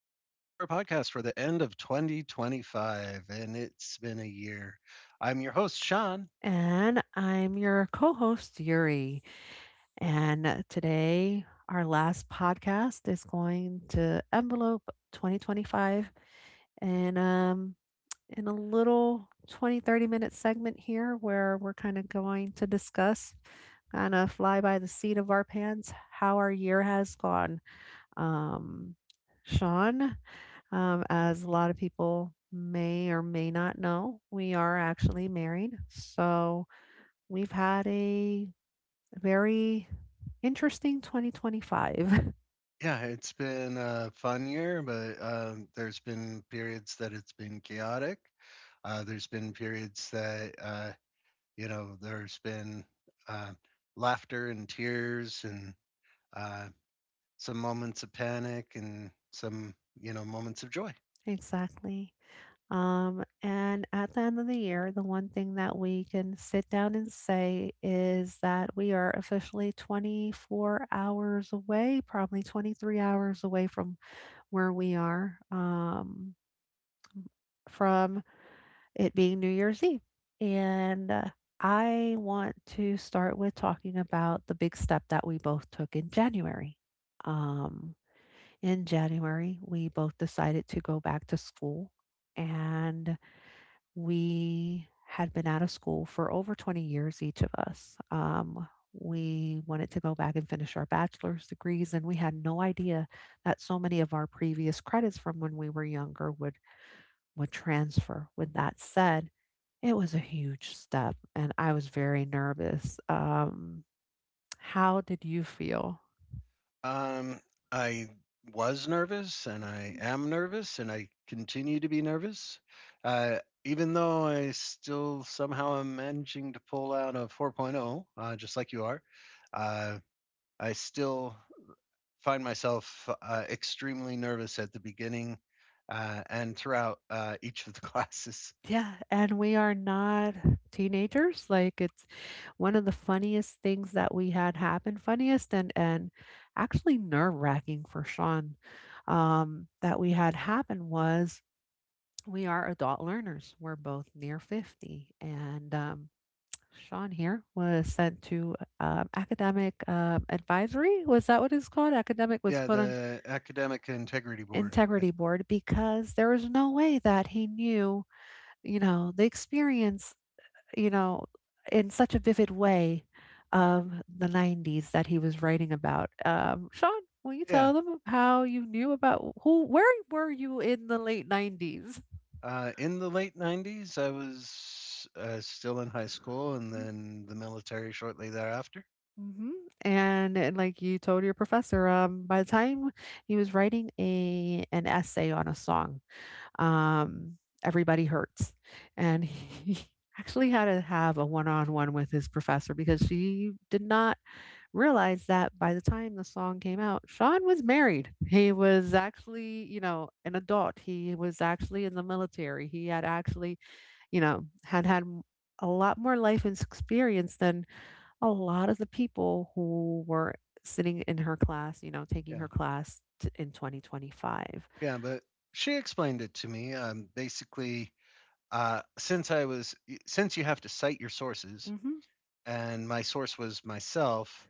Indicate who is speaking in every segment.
Speaker 1: podcast for the end of 2025 and it's been a year. I'm your host Sean.
Speaker 2: And I'm your co host, Yuri. And today, our last podcast is going to envelope 2025 and in a little 20, 30-minute segment here where we're kind of going to discuss, kind of fly by the seat of our pants, how our year has gone. Um, Sean, as a lot of people may or may not know, we are actually married. So, we've had a very interesting 2025.
Speaker 1: Yeah, it's been a fun year, but there's been periods that it's been chaotic. There's been periods that there's been uh, laughter and tears and uh, some moments of panic and some moments of joy.
Speaker 2: Exactly. And at the end of the year, the one thing that we can sit down and say is that we are officially 24 hours away, probably 23 hours away from where we are, from it being New Year's Eve. And I want to start with talking about the big step that we both took in January. Um, in January, we both decided to go back to school, and we had been out of school for over 20 years, each of us. We wanted to go back and finish our bachelor's degrees, and we had no idea that so many of our previous credits from when we were younger would transfer. With that said, it was a huge step, and I was very nervous. How did you feel?
Speaker 1: Um, I was nervous and I
Speaker 2: Mhm.
Speaker 1: am nervous and I continue to be nervous. Uh, Even though I still somehow am managing to pull out a 4.0, just like you are, uh, I still find myself extremely nervous at the beginning and throughout each of the classes.
Speaker 2: Yeah, and we are not teenagers. Like it's one of the funniest things that we had happen, funniest and actually nerve-wracking for Sean that we had happen was we are adult learners. We're both near 50, and Sean here was sent to academic advisory. Was that what it's called? Academic was
Speaker 1: Yeah,
Speaker 2: put on
Speaker 1: the Academic Integrity Board. Yeah.
Speaker 2: integrity board because there was no way that he knew the experience you know, in such a vivid way of the 90s that he was writing about. Sean, will you
Speaker 1: Yeah.
Speaker 2: tell them how you knew about who, where were you in the late 90s?
Speaker 1: In the late 90s, I was still in high school and then the military shortly thereafter.
Speaker 2: Hmm. And like you told your professor, by the time he was writing a an essay on a song, um, Everybody Hurts, and he actually had to have a one-on-one with his professor because she did not realized that by the time the song came out, Sean was married. He was actually, an adult. He was actually in the military. He had actually, had had a lot more life and experience than a lot of the people who were sitting in her class, taking
Speaker 1: Yeah.
Speaker 2: her class in 2025.
Speaker 1: Yeah. But she explained it to me. Basically, uh, since I was, since you have to cite your sources,
Speaker 2: Hmm.
Speaker 1: and my source was myself,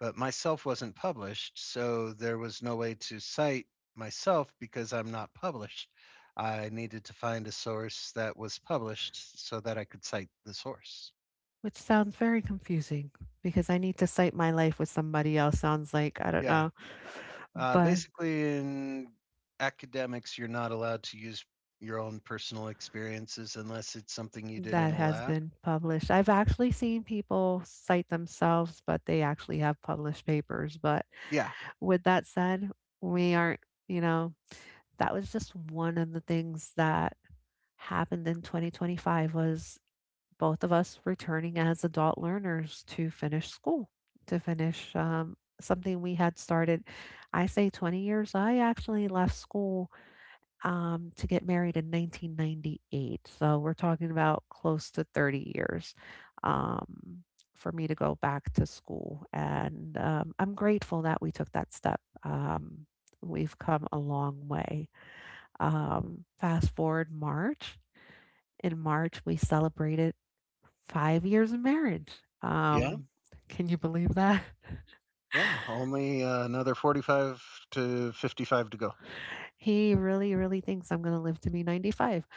Speaker 1: but myself wasn't published. So there was no way to cite myself because I'm not published. I needed to find a source that was published so that I could cite the source.
Speaker 2: Which sounds very confusing because I need to cite my life with somebody else. Sounds like, I don't
Speaker 1: Yeah.
Speaker 2: know. But
Speaker 1: Basically, in academics, you're not allowed to use your own personal experiences unless it's something you did in
Speaker 2: that
Speaker 1: a
Speaker 2: has
Speaker 1: lab.
Speaker 2: been published. I've actually seen people cite themselves, but they actually have published papers. But
Speaker 1: Yeah.
Speaker 2: with that said, we aren't, you know, that was just one of the things that happened in 2025 was both of us returning as adult learners to finish school, to finish something we had started. I say 20 years. I actually left school to get married in 1998. So we're talking about close to 30 years um, for me to go back to school. And I'm grateful that we took that step. We've come a long way. Fast forward March. In March, we celebrated 5 years of marriage.
Speaker 1: Yeah.
Speaker 2: Um, can you believe that?
Speaker 1: Yeah. Only another 45 to 55 to go.
Speaker 2: He really, really thinks I'm going to live to be 95.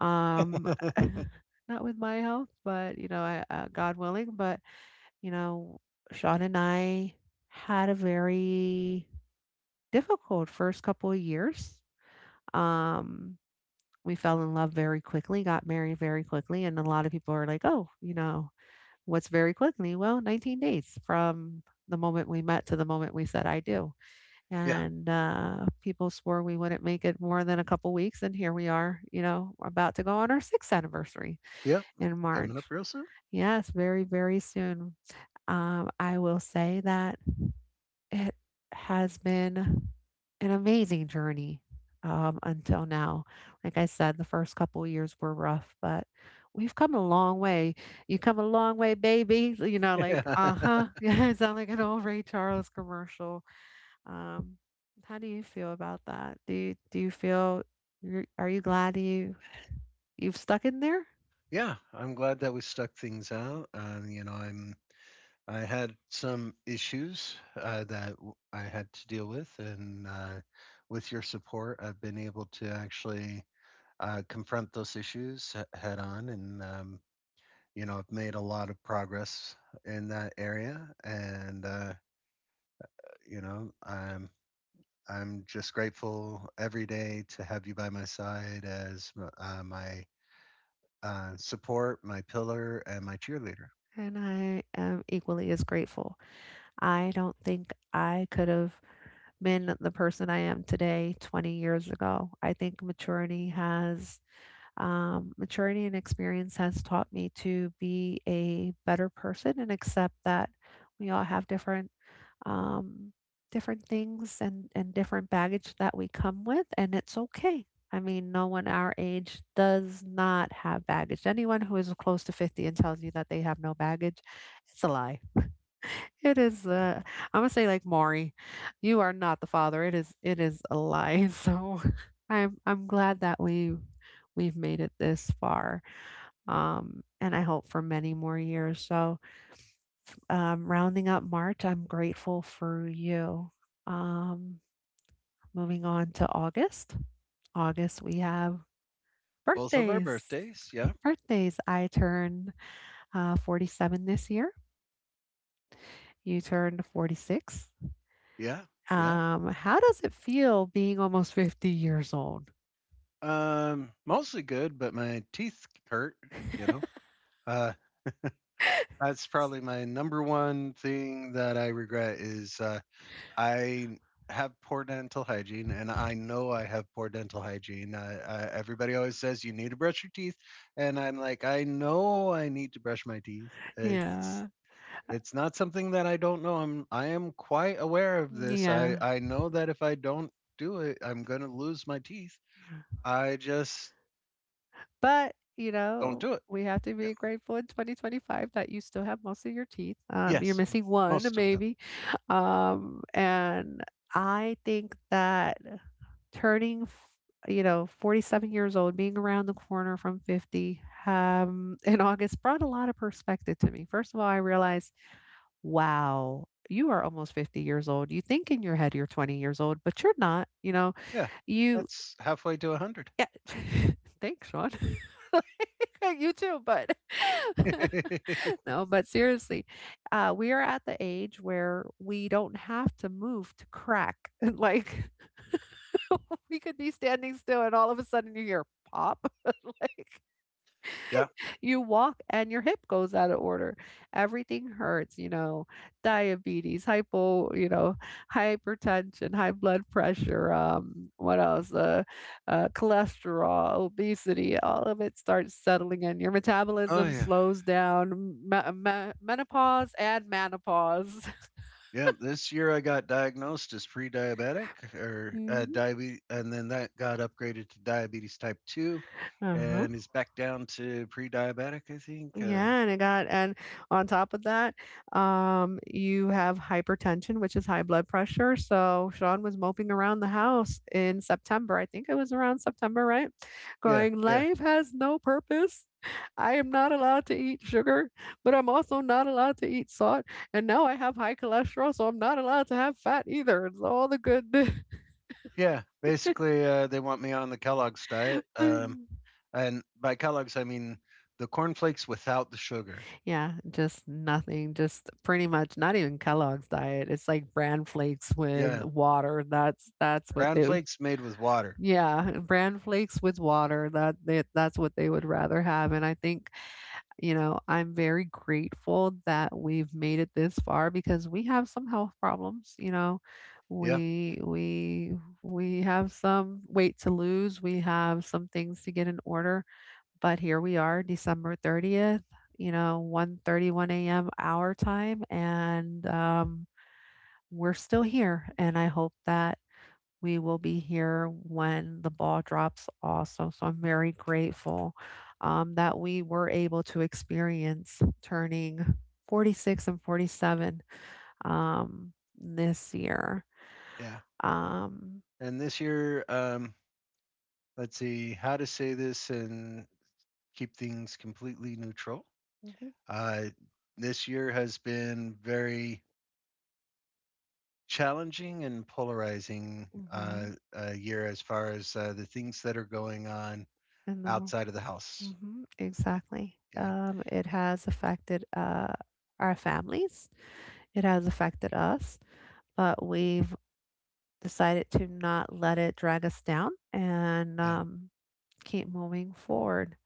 Speaker 2: Um, Not with my health, but I, God willing. But you know, Sean and I had a very difficult first couple of years. Um, we fell in love very quickly, got married very quickly, and a lot of people are like, "Oh, you know, what's very quickly?" Well, 19 days from the moment we met to the moment we said, "I do."
Speaker 1: Yeah.
Speaker 2: And people swore we wouldn't make it more than a couple weeks, and here we are, about to go on our sixth anniversary
Speaker 1: Yeah,
Speaker 2: in March.
Speaker 1: coming up real soon.
Speaker 2: Yes, very, very soon. I will say that it has been an amazing journey until now. Like I said, the first couple of years were rough, but we've come a long way. You come a long way, baby. You know, like,
Speaker 1: Yeah.
Speaker 2: uh huh. Yeah, I sound like an old Ray Charles commercial. Um, how do you feel about that? Do you feel are you glad you've stuck in there?
Speaker 1: Yeah. I'm glad that we stuck things out. I'm. I had some issues I had to deal with, and with your support, I've been able to actually confront those issues head on and I've made a lot of progress in that area and you know i'm I'm just grateful every day to have you by my side as my support, my pillar, and my cheerleader.
Speaker 2: And I am equally as grateful. I don't think I could have been the person I am today 20 years ago. I think maturity has. Maturity and experience has taught me to be a better person and accept that we all have different um, different things and different baggage that we come with, and it's okay. I mean, no one our age does not have baggage. Anyone who is close to 50 and tells you that they have no baggage, it's a lie. It is, I'm gonna say like Maury, you are not the father. It is a lie. So I'm glad that we've made it this far. And I hope for many more years. So, rounding up March, I'm grateful for you. Um, moving on to August. August, we have
Speaker 1: Both of our
Speaker 2: birthdays.
Speaker 1: birthdays, yeah,
Speaker 2: Birthdays. I turned 47 this year. You turned 46.
Speaker 1: yeah, yeah.
Speaker 2: How does it feel being almost 50 years old?
Speaker 1: Mostly good, but my teeth hurt. You know uh that's probably my number one thing that I regret is I have poor dental hygiene, and I know I have poor dental hygiene. Everybody always says you need to brush your teeth, and I'm like, I know I need to brush my teeth. It's
Speaker 2: Yeah.
Speaker 1: it's not something that I don't know. I'm I am quite aware of this. I
Speaker 2: Yeah.
Speaker 1: I know that if I don't do it, I'm going to lose my teeth.
Speaker 2: Yeah.
Speaker 1: I just
Speaker 2: But,
Speaker 1: don't do it.
Speaker 2: we have to
Speaker 1: Yeah.
Speaker 2: be grateful in 2025 that you still have most of your teeth. You're
Speaker 1: Yes,
Speaker 2: missing one,
Speaker 1: most of them.
Speaker 2: maybe. And I think that turning, 47 years old, being around the corner from 50 in August brought a lot of perspective to me. First of all, I realized wow, you are almost 50 years old. You think in your head you're 20 years old, but you're not, you know,
Speaker 1: Yeah,
Speaker 2: you,
Speaker 1: that's halfway to a hundred.
Speaker 2: yeah. Thanks, Sean. You too, but no, but seriously, we are at the age where we don't have to move to crack. Like we could be standing still and all of a sudden you hear pop. Like
Speaker 1: Yeah.
Speaker 2: you walk and your hip goes out of order. Everything hurts, diabetes, hypertension, high blood pressure, what else? Cholesterol, obesity, all of it starts settling in. Your
Speaker 1: Oh
Speaker 2: metabolism
Speaker 1: yeah.
Speaker 2: slows down, menopause and menopause.
Speaker 1: Yeah, this year I got diagnosed as pre-diabetic or
Speaker 2: Hmm.
Speaker 1: diabetes, and then that got upgraded to diabetes type 2,
Speaker 2: Uh-huh.
Speaker 1: and is back down to pre-diabetic, I think.
Speaker 2: Yeah, and I got and on top of that, you have hypertension, which is high blood pressure. So Sean was moping around the house in September. I think it was around September, right?
Speaker 1: Yeah,
Speaker 2: Going,
Speaker 1: yeah,
Speaker 2: life has no purpose. I am not allowed to eat sugar, but I'm also not allowed to eat salt. And now I have high cholesterol, so I'm not allowed to have fat either. It's all the good.
Speaker 1: yeah. Basically, they want me on the Kellogg's diet, and by Kellogg's I mean the cornflakes without the sugar.
Speaker 2: Yeah, just nothing, just pretty much not even Kellogg's diet, it's like bran flakes with
Speaker 1: Yeah,
Speaker 2: water, that's what
Speaker 1: brown
Speaker 2: they.
Speaker 1: flakes made with water.
Speaker 2: Yeah, bran flakes with water, that's what they would rather have, and I think, I'm very grateful that we've made it this far because we have some health problems,
Speaker 1: Yeah,
Speaker 2: we we we have some weight to lose, we have some things to get in order, but here we are, December 30th, 1:31 a.m. our time, and we're still here. And I hope that we will be here when the ball drops also. So I'm very grateful that we were able to experience turning 46 and 47 this year.
Speaker 1: yeah.
Speaker 2: Um,
Speaker 1: And this year, let's see how to say this and keep things completely neutral.
Speaker 2: mhm,
Speaker 1: Uh, this year has been very challenging and polarizing uh,
Speaker 2: mhm,
Speaker 1: year as far as the things that are going on
Speaker 2: in the
Speaker 1: outside of the house.
Speaker 2: Mhm, exactly.
Speaker 1: Yeah,
Speaker 2: It has affected our families. It has affected us, but we've decided to not let it drag us down and
Speaker 1: yeah,
Speaker 2: keep moving forward.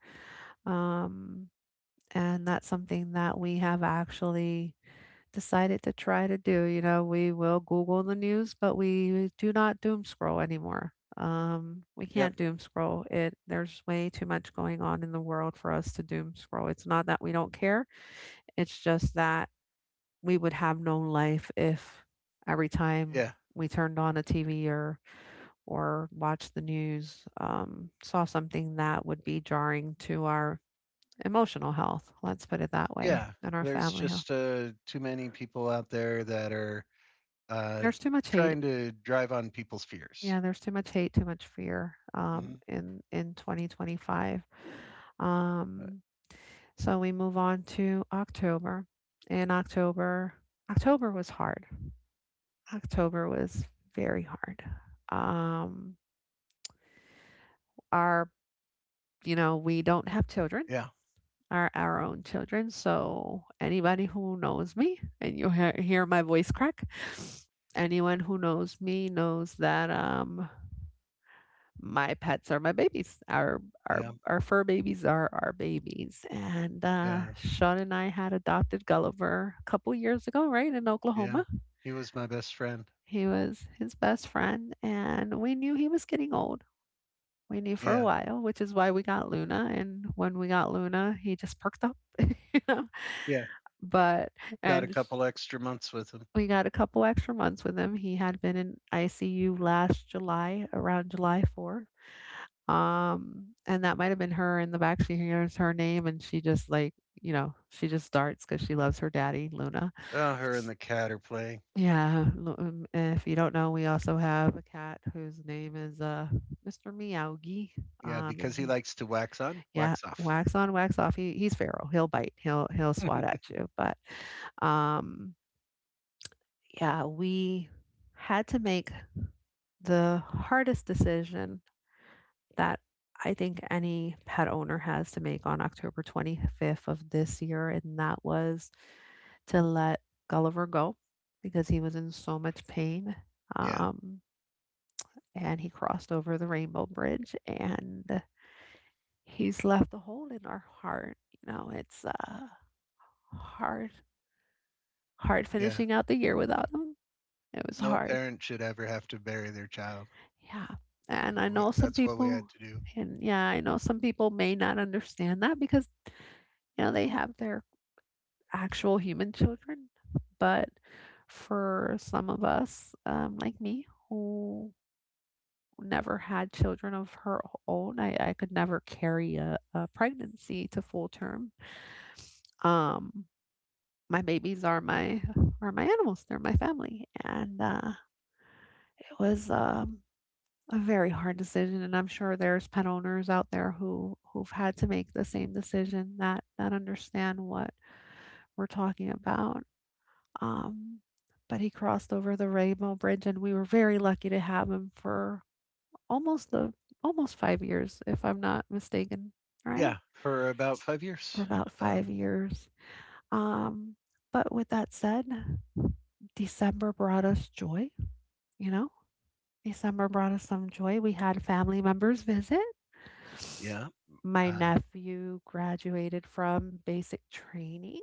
Speaker 2: Um, and that's something that we have actually decided to try to do. We will Google the news, but we do not doom scroll anymore. We
Speaker 1: yep,
Speaker 2: can't doom scroll it. There's way too much going on in the world for us to doom scroll. It's not that we don't care. It's just that we would have no life if every, yeah, time
Speaker 1: yeah,
Speaker 2: we turned on a TV or watched the news, saw something that would be jarring to our emotional health. Let's put it that way,
Speaker 1: yeah.
Speaker 2: and our
Speaker 1: There's
Speaker 2: family health.
Speaker 1: just too many people out there that are uh,
Speaker 2: There's too much hate.
Speaker 1: trying to drive on people's fears.
Speaker 2: Yeah, there's too much hate, too much fear,
Speaker 1: Hmm.
Speaker 2: in 2025. Um, so we move on to October. And October, October was hard. October was very hard. Um, our, we don't have children,
Speaker 1: Yeah,
Speaker 2: our own children. So anybody who knows me, and you hear my voice crack, anyone who knows me knows that my pets are my babies. Our our
Speaker 1: yeah,
Speaker 2: our fur babies are our babies. And
Speaker 1: yeah,
Speaker 2: Sean and I had adopted Gulliver a couple years ago, right in
Speaker 1: yeah.
Speaker 2: Oklahoma.
Speaker 1: He was my best friend.
Speaker 2: He was his best friend, and we knew he was getting old. We knew for a
Speaker 1: Yeah,
Speaker 2: while, which is why we got Luna. And when we got Luna, he just perked up, you know.
Speaker 1: yeah.
Speaker 2: But
Speaker 1: Got a
Speaker 2: and sh-
Speaker 1: couple extra months with him.
Speaker 2: we got a couple extra months with him. He had been in ICU last July, around July 4th. And that might have been her in the back. She hears her name and she just like, she just darts because she loves her daddy, Luna.
Speaker 1: Oh, her and the cat are playing.
Speaker 2: Yeah, Lu if you don't know, we also have a cat whose name is, Mr. Meowgie,
Speaker 1: Yeah,
Speaker 2: and
Speaker 1: because he
Speaker 2: he's
Speaker 1: likes to wax on,
Speaker 2: yeah,
Speaker 1: wax off.
Speaker 2: wax on, wax off. He's feral. He'll bite. He'll swat at you, but, um, yeah, we had to make the hardest decision that I think any pet owner has to make on October 25th of this year, and that was to let Gulliver go because he was in so much pain.
Speaker 1: Yeah,
Speaker 2: Um, and he crossed over the Rainbow Bridge, and he's left a hole in our heart. You know, it's hard, hard
Speaker 1: yeah.
Speaker 2: finishing out the year without him. It was
Speaker 1: No
Speaker 2: hard.
Speaker 1: parent should ever have to bury their child.
Speaker 2: Yeah. And
Speaker 1: And
Speaker 2: I know some
Speaker 1: that's what we had
Speaker 2: people,
Speaker 1: to do.
Speaker 2: and yeah, I know some people may not understand that because, you know, they have their actual human children, but for some of us, like me, who never had children of her own, I could never carry a pregnancy to full term. Um, my babies are my animals. They're my family, and it was a very hard decision. And I'm sure there's pet owners out there who've had to make the same decision that understand what we're talking about. Um, but he crossed over the Rainbow Bridge, and we were very lucky to have him for almost the almost 5 years, if I'm not mistaken, right?
Speaker 1: Yeah, for about five
Speaker 2: For
Speaker 1: years.
Speaker 2: about 5
Speaker 1: Um,
Speaker 2: years. Um, but with that said, December brought us joy, you know? December brought us some joy. We had family members visit.
Speaker 1: yeah,
Speaker 2: My
Speaker 1: uh,
Speaker 2: nephew graduated from basic training.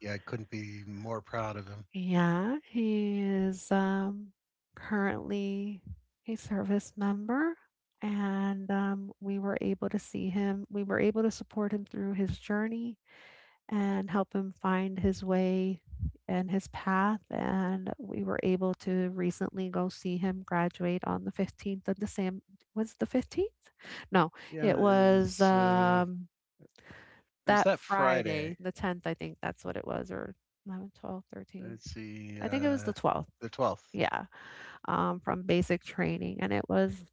Speaker 1: yeah. I couldn't be more proud of him.
Speaker 2: Yeah, he is currently a service member, and we were able to see him. We were able to support him through his journey and help him find his way and his path. And we were able to recently go see him graduate on the 15th of the same. Was it the 15th? No, it
Speaker 1: Yeah, it
Speaker 2: was
Speaker 1: was. Uh, it was
Speaker 2: that
Speaker 1: that
Speaker 2: Friday,
Speaker 1: Friday.
Speaker 2: the 10th, I think that's what it was, or 11, 12, 13.
Speaker 1: Let's see,
Speaker 2: I think it was the 12th.
Speaker 1: the 12th.
Speaker 2: Yeah, from basic training, and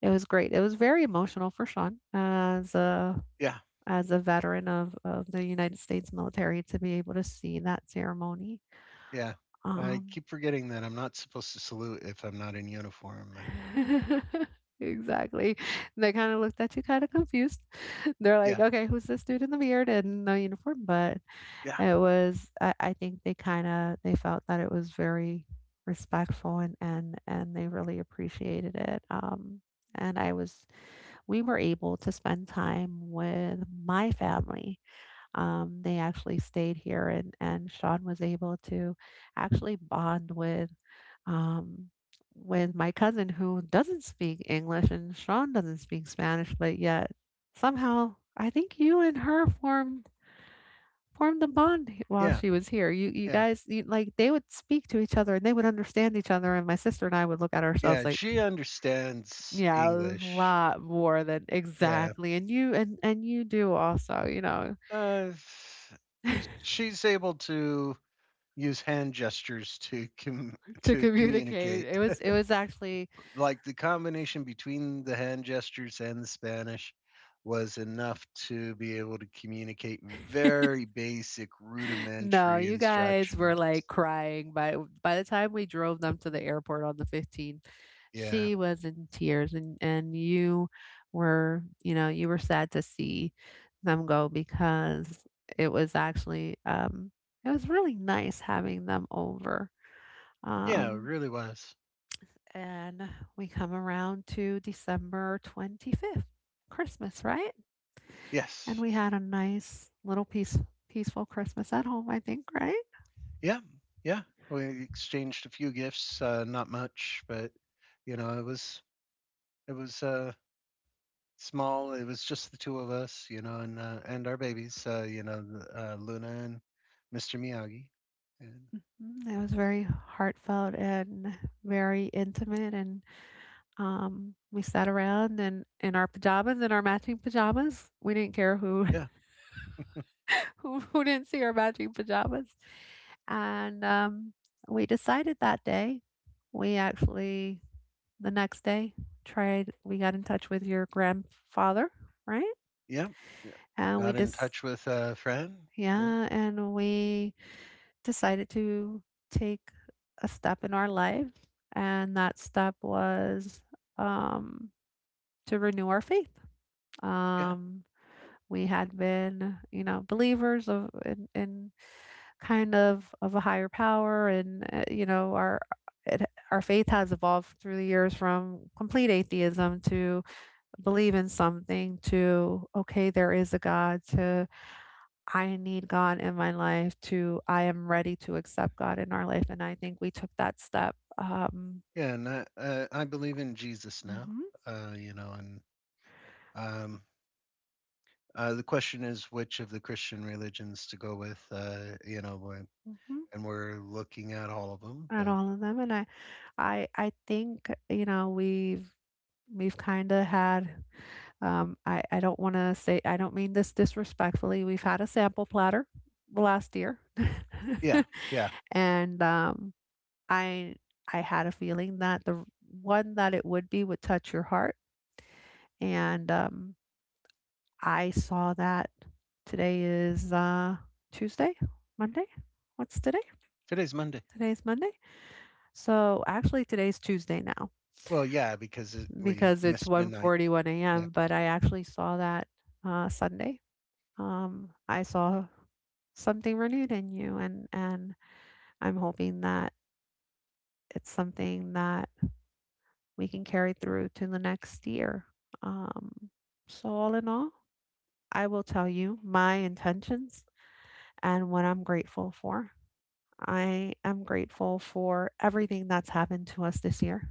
Speaker 2: it was great. It was very emotional for Sean as a
Speaker 1: Yeah,
Speaker 2: as a veteran of the United States military to be able to see that ceremony.
Speaker 1: yeah. I
Speaker 2: Um,
Speaker 1: keep forgetting that I'm not supposed to salute if I'm not in uniform. And
Speaker 2: exactly. They kind of looked at you kind of confused. They're like,
Speaker 1: yeah,
Speaker 2: "Okay, who's this dude in the beard and no uniform?" But
Speaker 1: yeah,
Speaker 2: it was I think they felt that it was very respectful and they really appreciated it, and I was we were able to spend time with my family. They actually stayed here and Sean was able to actually bond um with my cousin who doesn't speak English and Sean doesn't speak Spanish, but yet somehow I think you and her formed a bond while
Speaker 1: yeah,
Speaker 2: she was here. You you
Speaker 1: yeah.
Speaker 2: guys you, like they would speak to each other and they would understand each other and my sister and I would look at ourselves
Speaker 1: Yeah,
Speaker 2: like,
Speaker 1: she understands
Speaker 2: yeah, a
Speaker 1: English.
Speaker 2: lot more than
Speaker 1: Yeah.
Speaker 2: exactly. And you do also, you know,
Speaker 1: Uh, she's able to use hand gestures to
Speaker 2: to
Speaker 1: to
Speaker 2: communicate.
Speaker 1: communicate.
Speaker 2: It was actually
Speaker 1: Like the combination between the hand gestures and the Spanish was enough to be able to communicate very basic
Speaker 2: no,
Speaker 1: rudimentary
Speaker 2: you guys were
Speaker 1: instructions.
Speaker 2: like crying by the time we drove them to the
Speaker 1: Mhm.
Speaker 2: airport on the 15th.
Speaker 1: Yeah.
Speaker 2: She was in tears and you were, you know, you were sad to see them go because it was actually it was really nice having them over.
Speaker 1: Yeah, it
Speaker 2: Um
Speaker 1: really was.
Speaker 2: and we come around to December 25th, Christmas, right? And
Speaker 1: Yes.
Speaker 2: we had a nice little peaceful Christmas at home, I think, right?
Speaker 1: Yeah. Yeah. We exchanged a few gifts, not much, but it was. It was small. It was just the two of us, you know, and and our babies, Luna and Mr. Miyagi, and
Speaker 2: Mm, it was very heartfelt and very intimate. And we sat around and in our pajamas, in our matching pajamas. We didn't care who
Speaker 1: yeah,
Speaker 2: who didn't see our matching pajamas. And we decided that day. We actually the next day tried. We got in touch with your grandfather, right?
Speaker 1: yeah, yeah.
Speaker 2: And we
Speaker 1: Got in
Speaker 2: just
Speaker 1: touch with a friend. Yeah,
Speaker 2: yeah, and we decided to take a step in our life, and that step was um, to renew our faith.
Speaker 1: yeah,
Speaker 2: Um, we had been, you know, believers of in kind of a higher power, and you know, it, our faith has evolved through the years from complete atheism to believe in something to okay, there is a God to I need God in my life to I am ready to accept God in our life, and I think we took that step.
Speaker 1: yeah. And I believe in Jesus now,
Speaker 2: Mhm,
Speaker 1: and um, the question is which of the Christian religions to go with,
Speaker 2: mhm.
Speaker 1: and we're looking at all of them.
Speaker 2: At
Speaker 1: But
Speaker 2: all of them, and I think, you know, we've kinda had, I don't wanna say, I don't mean this disrespectfully, we've had a sample platter the last year,
Speaker 1: yeah, yeah.
Speaker 2: and, I I had a feeling that the one that it would be would touch your heart, and, I saw that today is Tuesday, Monday. What's today?
Speaker 1: Today's Monday.
Speaker 2: Today's Monday. So actually, today's Tuesday now
Speaker 1: Well, yeah, because we
Speaker 2: because it's
Speaker 1: missed
Speaker 2: one
Speaker 1: midnight.
Speaker 2: forty-one
Speaker 1: Yeah.
Speaker 2: a.m. But I actually saw that Sunday. I saw something renewed in you, and I'm hoping that it's something that we can carry through to the next year. Um, so all in all, I will tell you my intentions and what I'm grateful for. I am grateful for everything that's happened to us this year,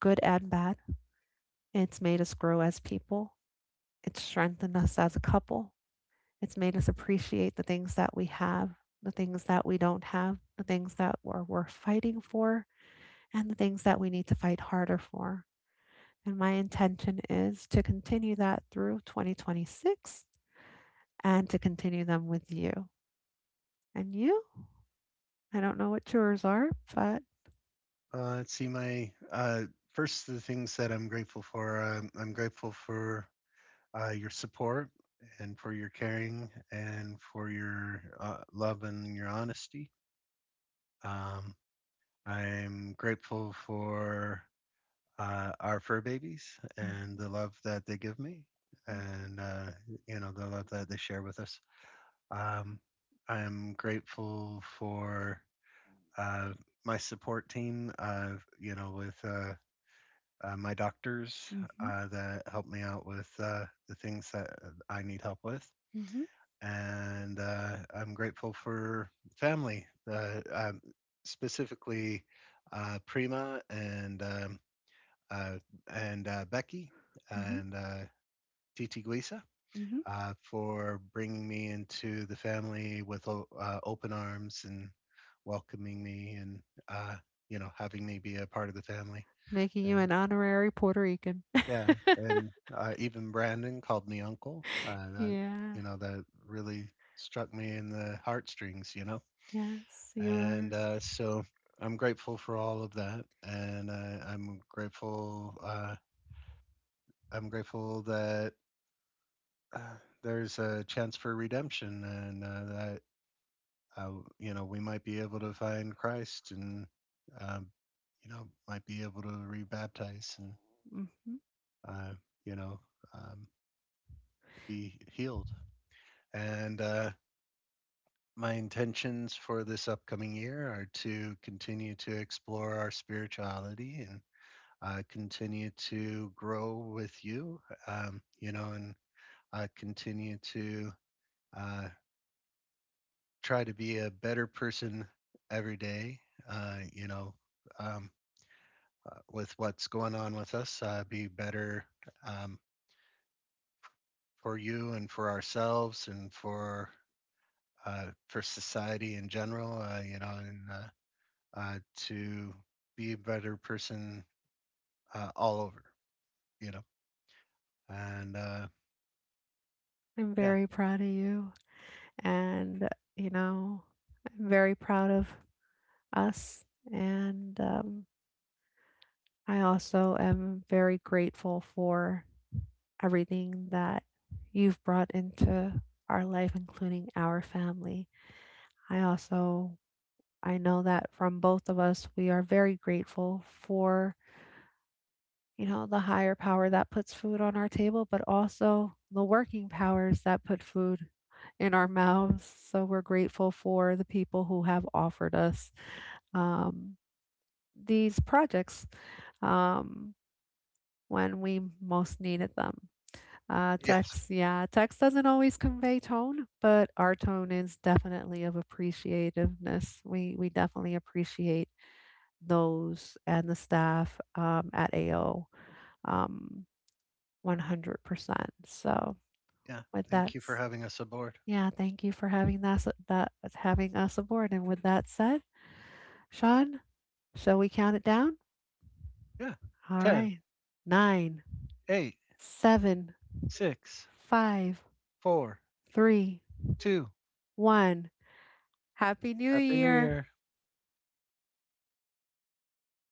Speaker 2: good and bad. It's made us grow as people, it's strengthened us as a couple, it's made us appreciate the things that we have, the things that we don't have, the things that we're fighting for, and the things that we need to fight harder for. And my intention is to continue that through 2026 and to continue them with you. And you, I don't know what yours are, but.
Speaker 1: Let's see, my first of the things that I'm grateful for. I'm grateful for your support and for your caring and for your love and your honesty. Um, I'm grateful for our fur babies and the love that they give me and the love that they share with us. Um, I'm grateful for uh, my support team. With my doctors
Speaker 2: Mm-hmm,
Speaker 1: that help me out with the things that I need help with.
Speaker 2: mm-hmm,
Speaker 1: And I'm grateful for family, uh, um, specifically Prima, and uh, Becky,
Speaker 2: mm-hmm,
Speaker 1: and Titi Guisa,
Speaker 2: mm-hmm.
Speaker 1: for bringing me into the family with open arms and welcoming me and uh, having me be a part of the family.
Speaker 2: Making you
Speaker 1: And
Speaker 2: an honorary Puerto Rican.
Speaker 1: yeah, and, even Brandon called me uncle, uh, that
Speaker 2: Yeah.
Speaker 1: you know, that really struck me in the heartstrings, you know?
Speaker 2: Yes, you
Speaker 1: And,
Speaker 2: are.
Speaker 1: so I'm grateful for all of that, and, I'm grateful that, uh, there's a chance for redemption and, that, uh, we might be able to find Christ, and, um, you know, might be able to rebaptize and,
Speaker 2: Mhm.
Speaker 1: uh, you know, um, be healed. And, my intentions for this upcoming year are to continue to explore our spirituality and continue to grow with you, and continue to uh, try to be a better person every day, uh, you know, um, with what's going on with us, be better um, for you and for ourselves and for. For society in general, and to be a better person all over, you know. And
Speaker 2: I'm
Speaker 1: yeah,
Speaker 2: very proud of you. And, you know, I'm very proud of us. And I also am very grateful for everything that you've brought into our life, including our family. I also, I know that from both of us, we are very grateful for you know, the higher power that puts food on our table, but also the working powers that put food in our mouths. So we're grateful for the people who have offered us um, these projects um, when we most needed them. Yes.
Speaker 1: yes,
Speaker 2: Yeah, text doesn't always convey tone, but our tone is definitely of appreciativeness. We definitely appreciate those and the staff at AO. Um, 100%. So,
Speaker 1: yeah.
Speaker 2: with
Speaker 1: Thank
Speaker 2: that
Speaker 1: you for
Speaker 2: s
Speaker 1: having us aboard.
Speaker 2: yeah, thank you for having us aboard, and with that said, Sean, shall we count it down?
Speaker 1: Yeah,
Speaker 2: All
Speaker 1: 10,
Speaker 2: right. Nine,
Speaker 1: 8,
Speaker 2: seven,
Speaker 1: 6,
Speaker 2: five,
Speaker 1: 4,
Speaker 2: three,
Speaker 1: 2.
Speaker 2: one. Happy New
Speaker 1: Happy New
Speaker 2: Year.
Speaker 1: Year.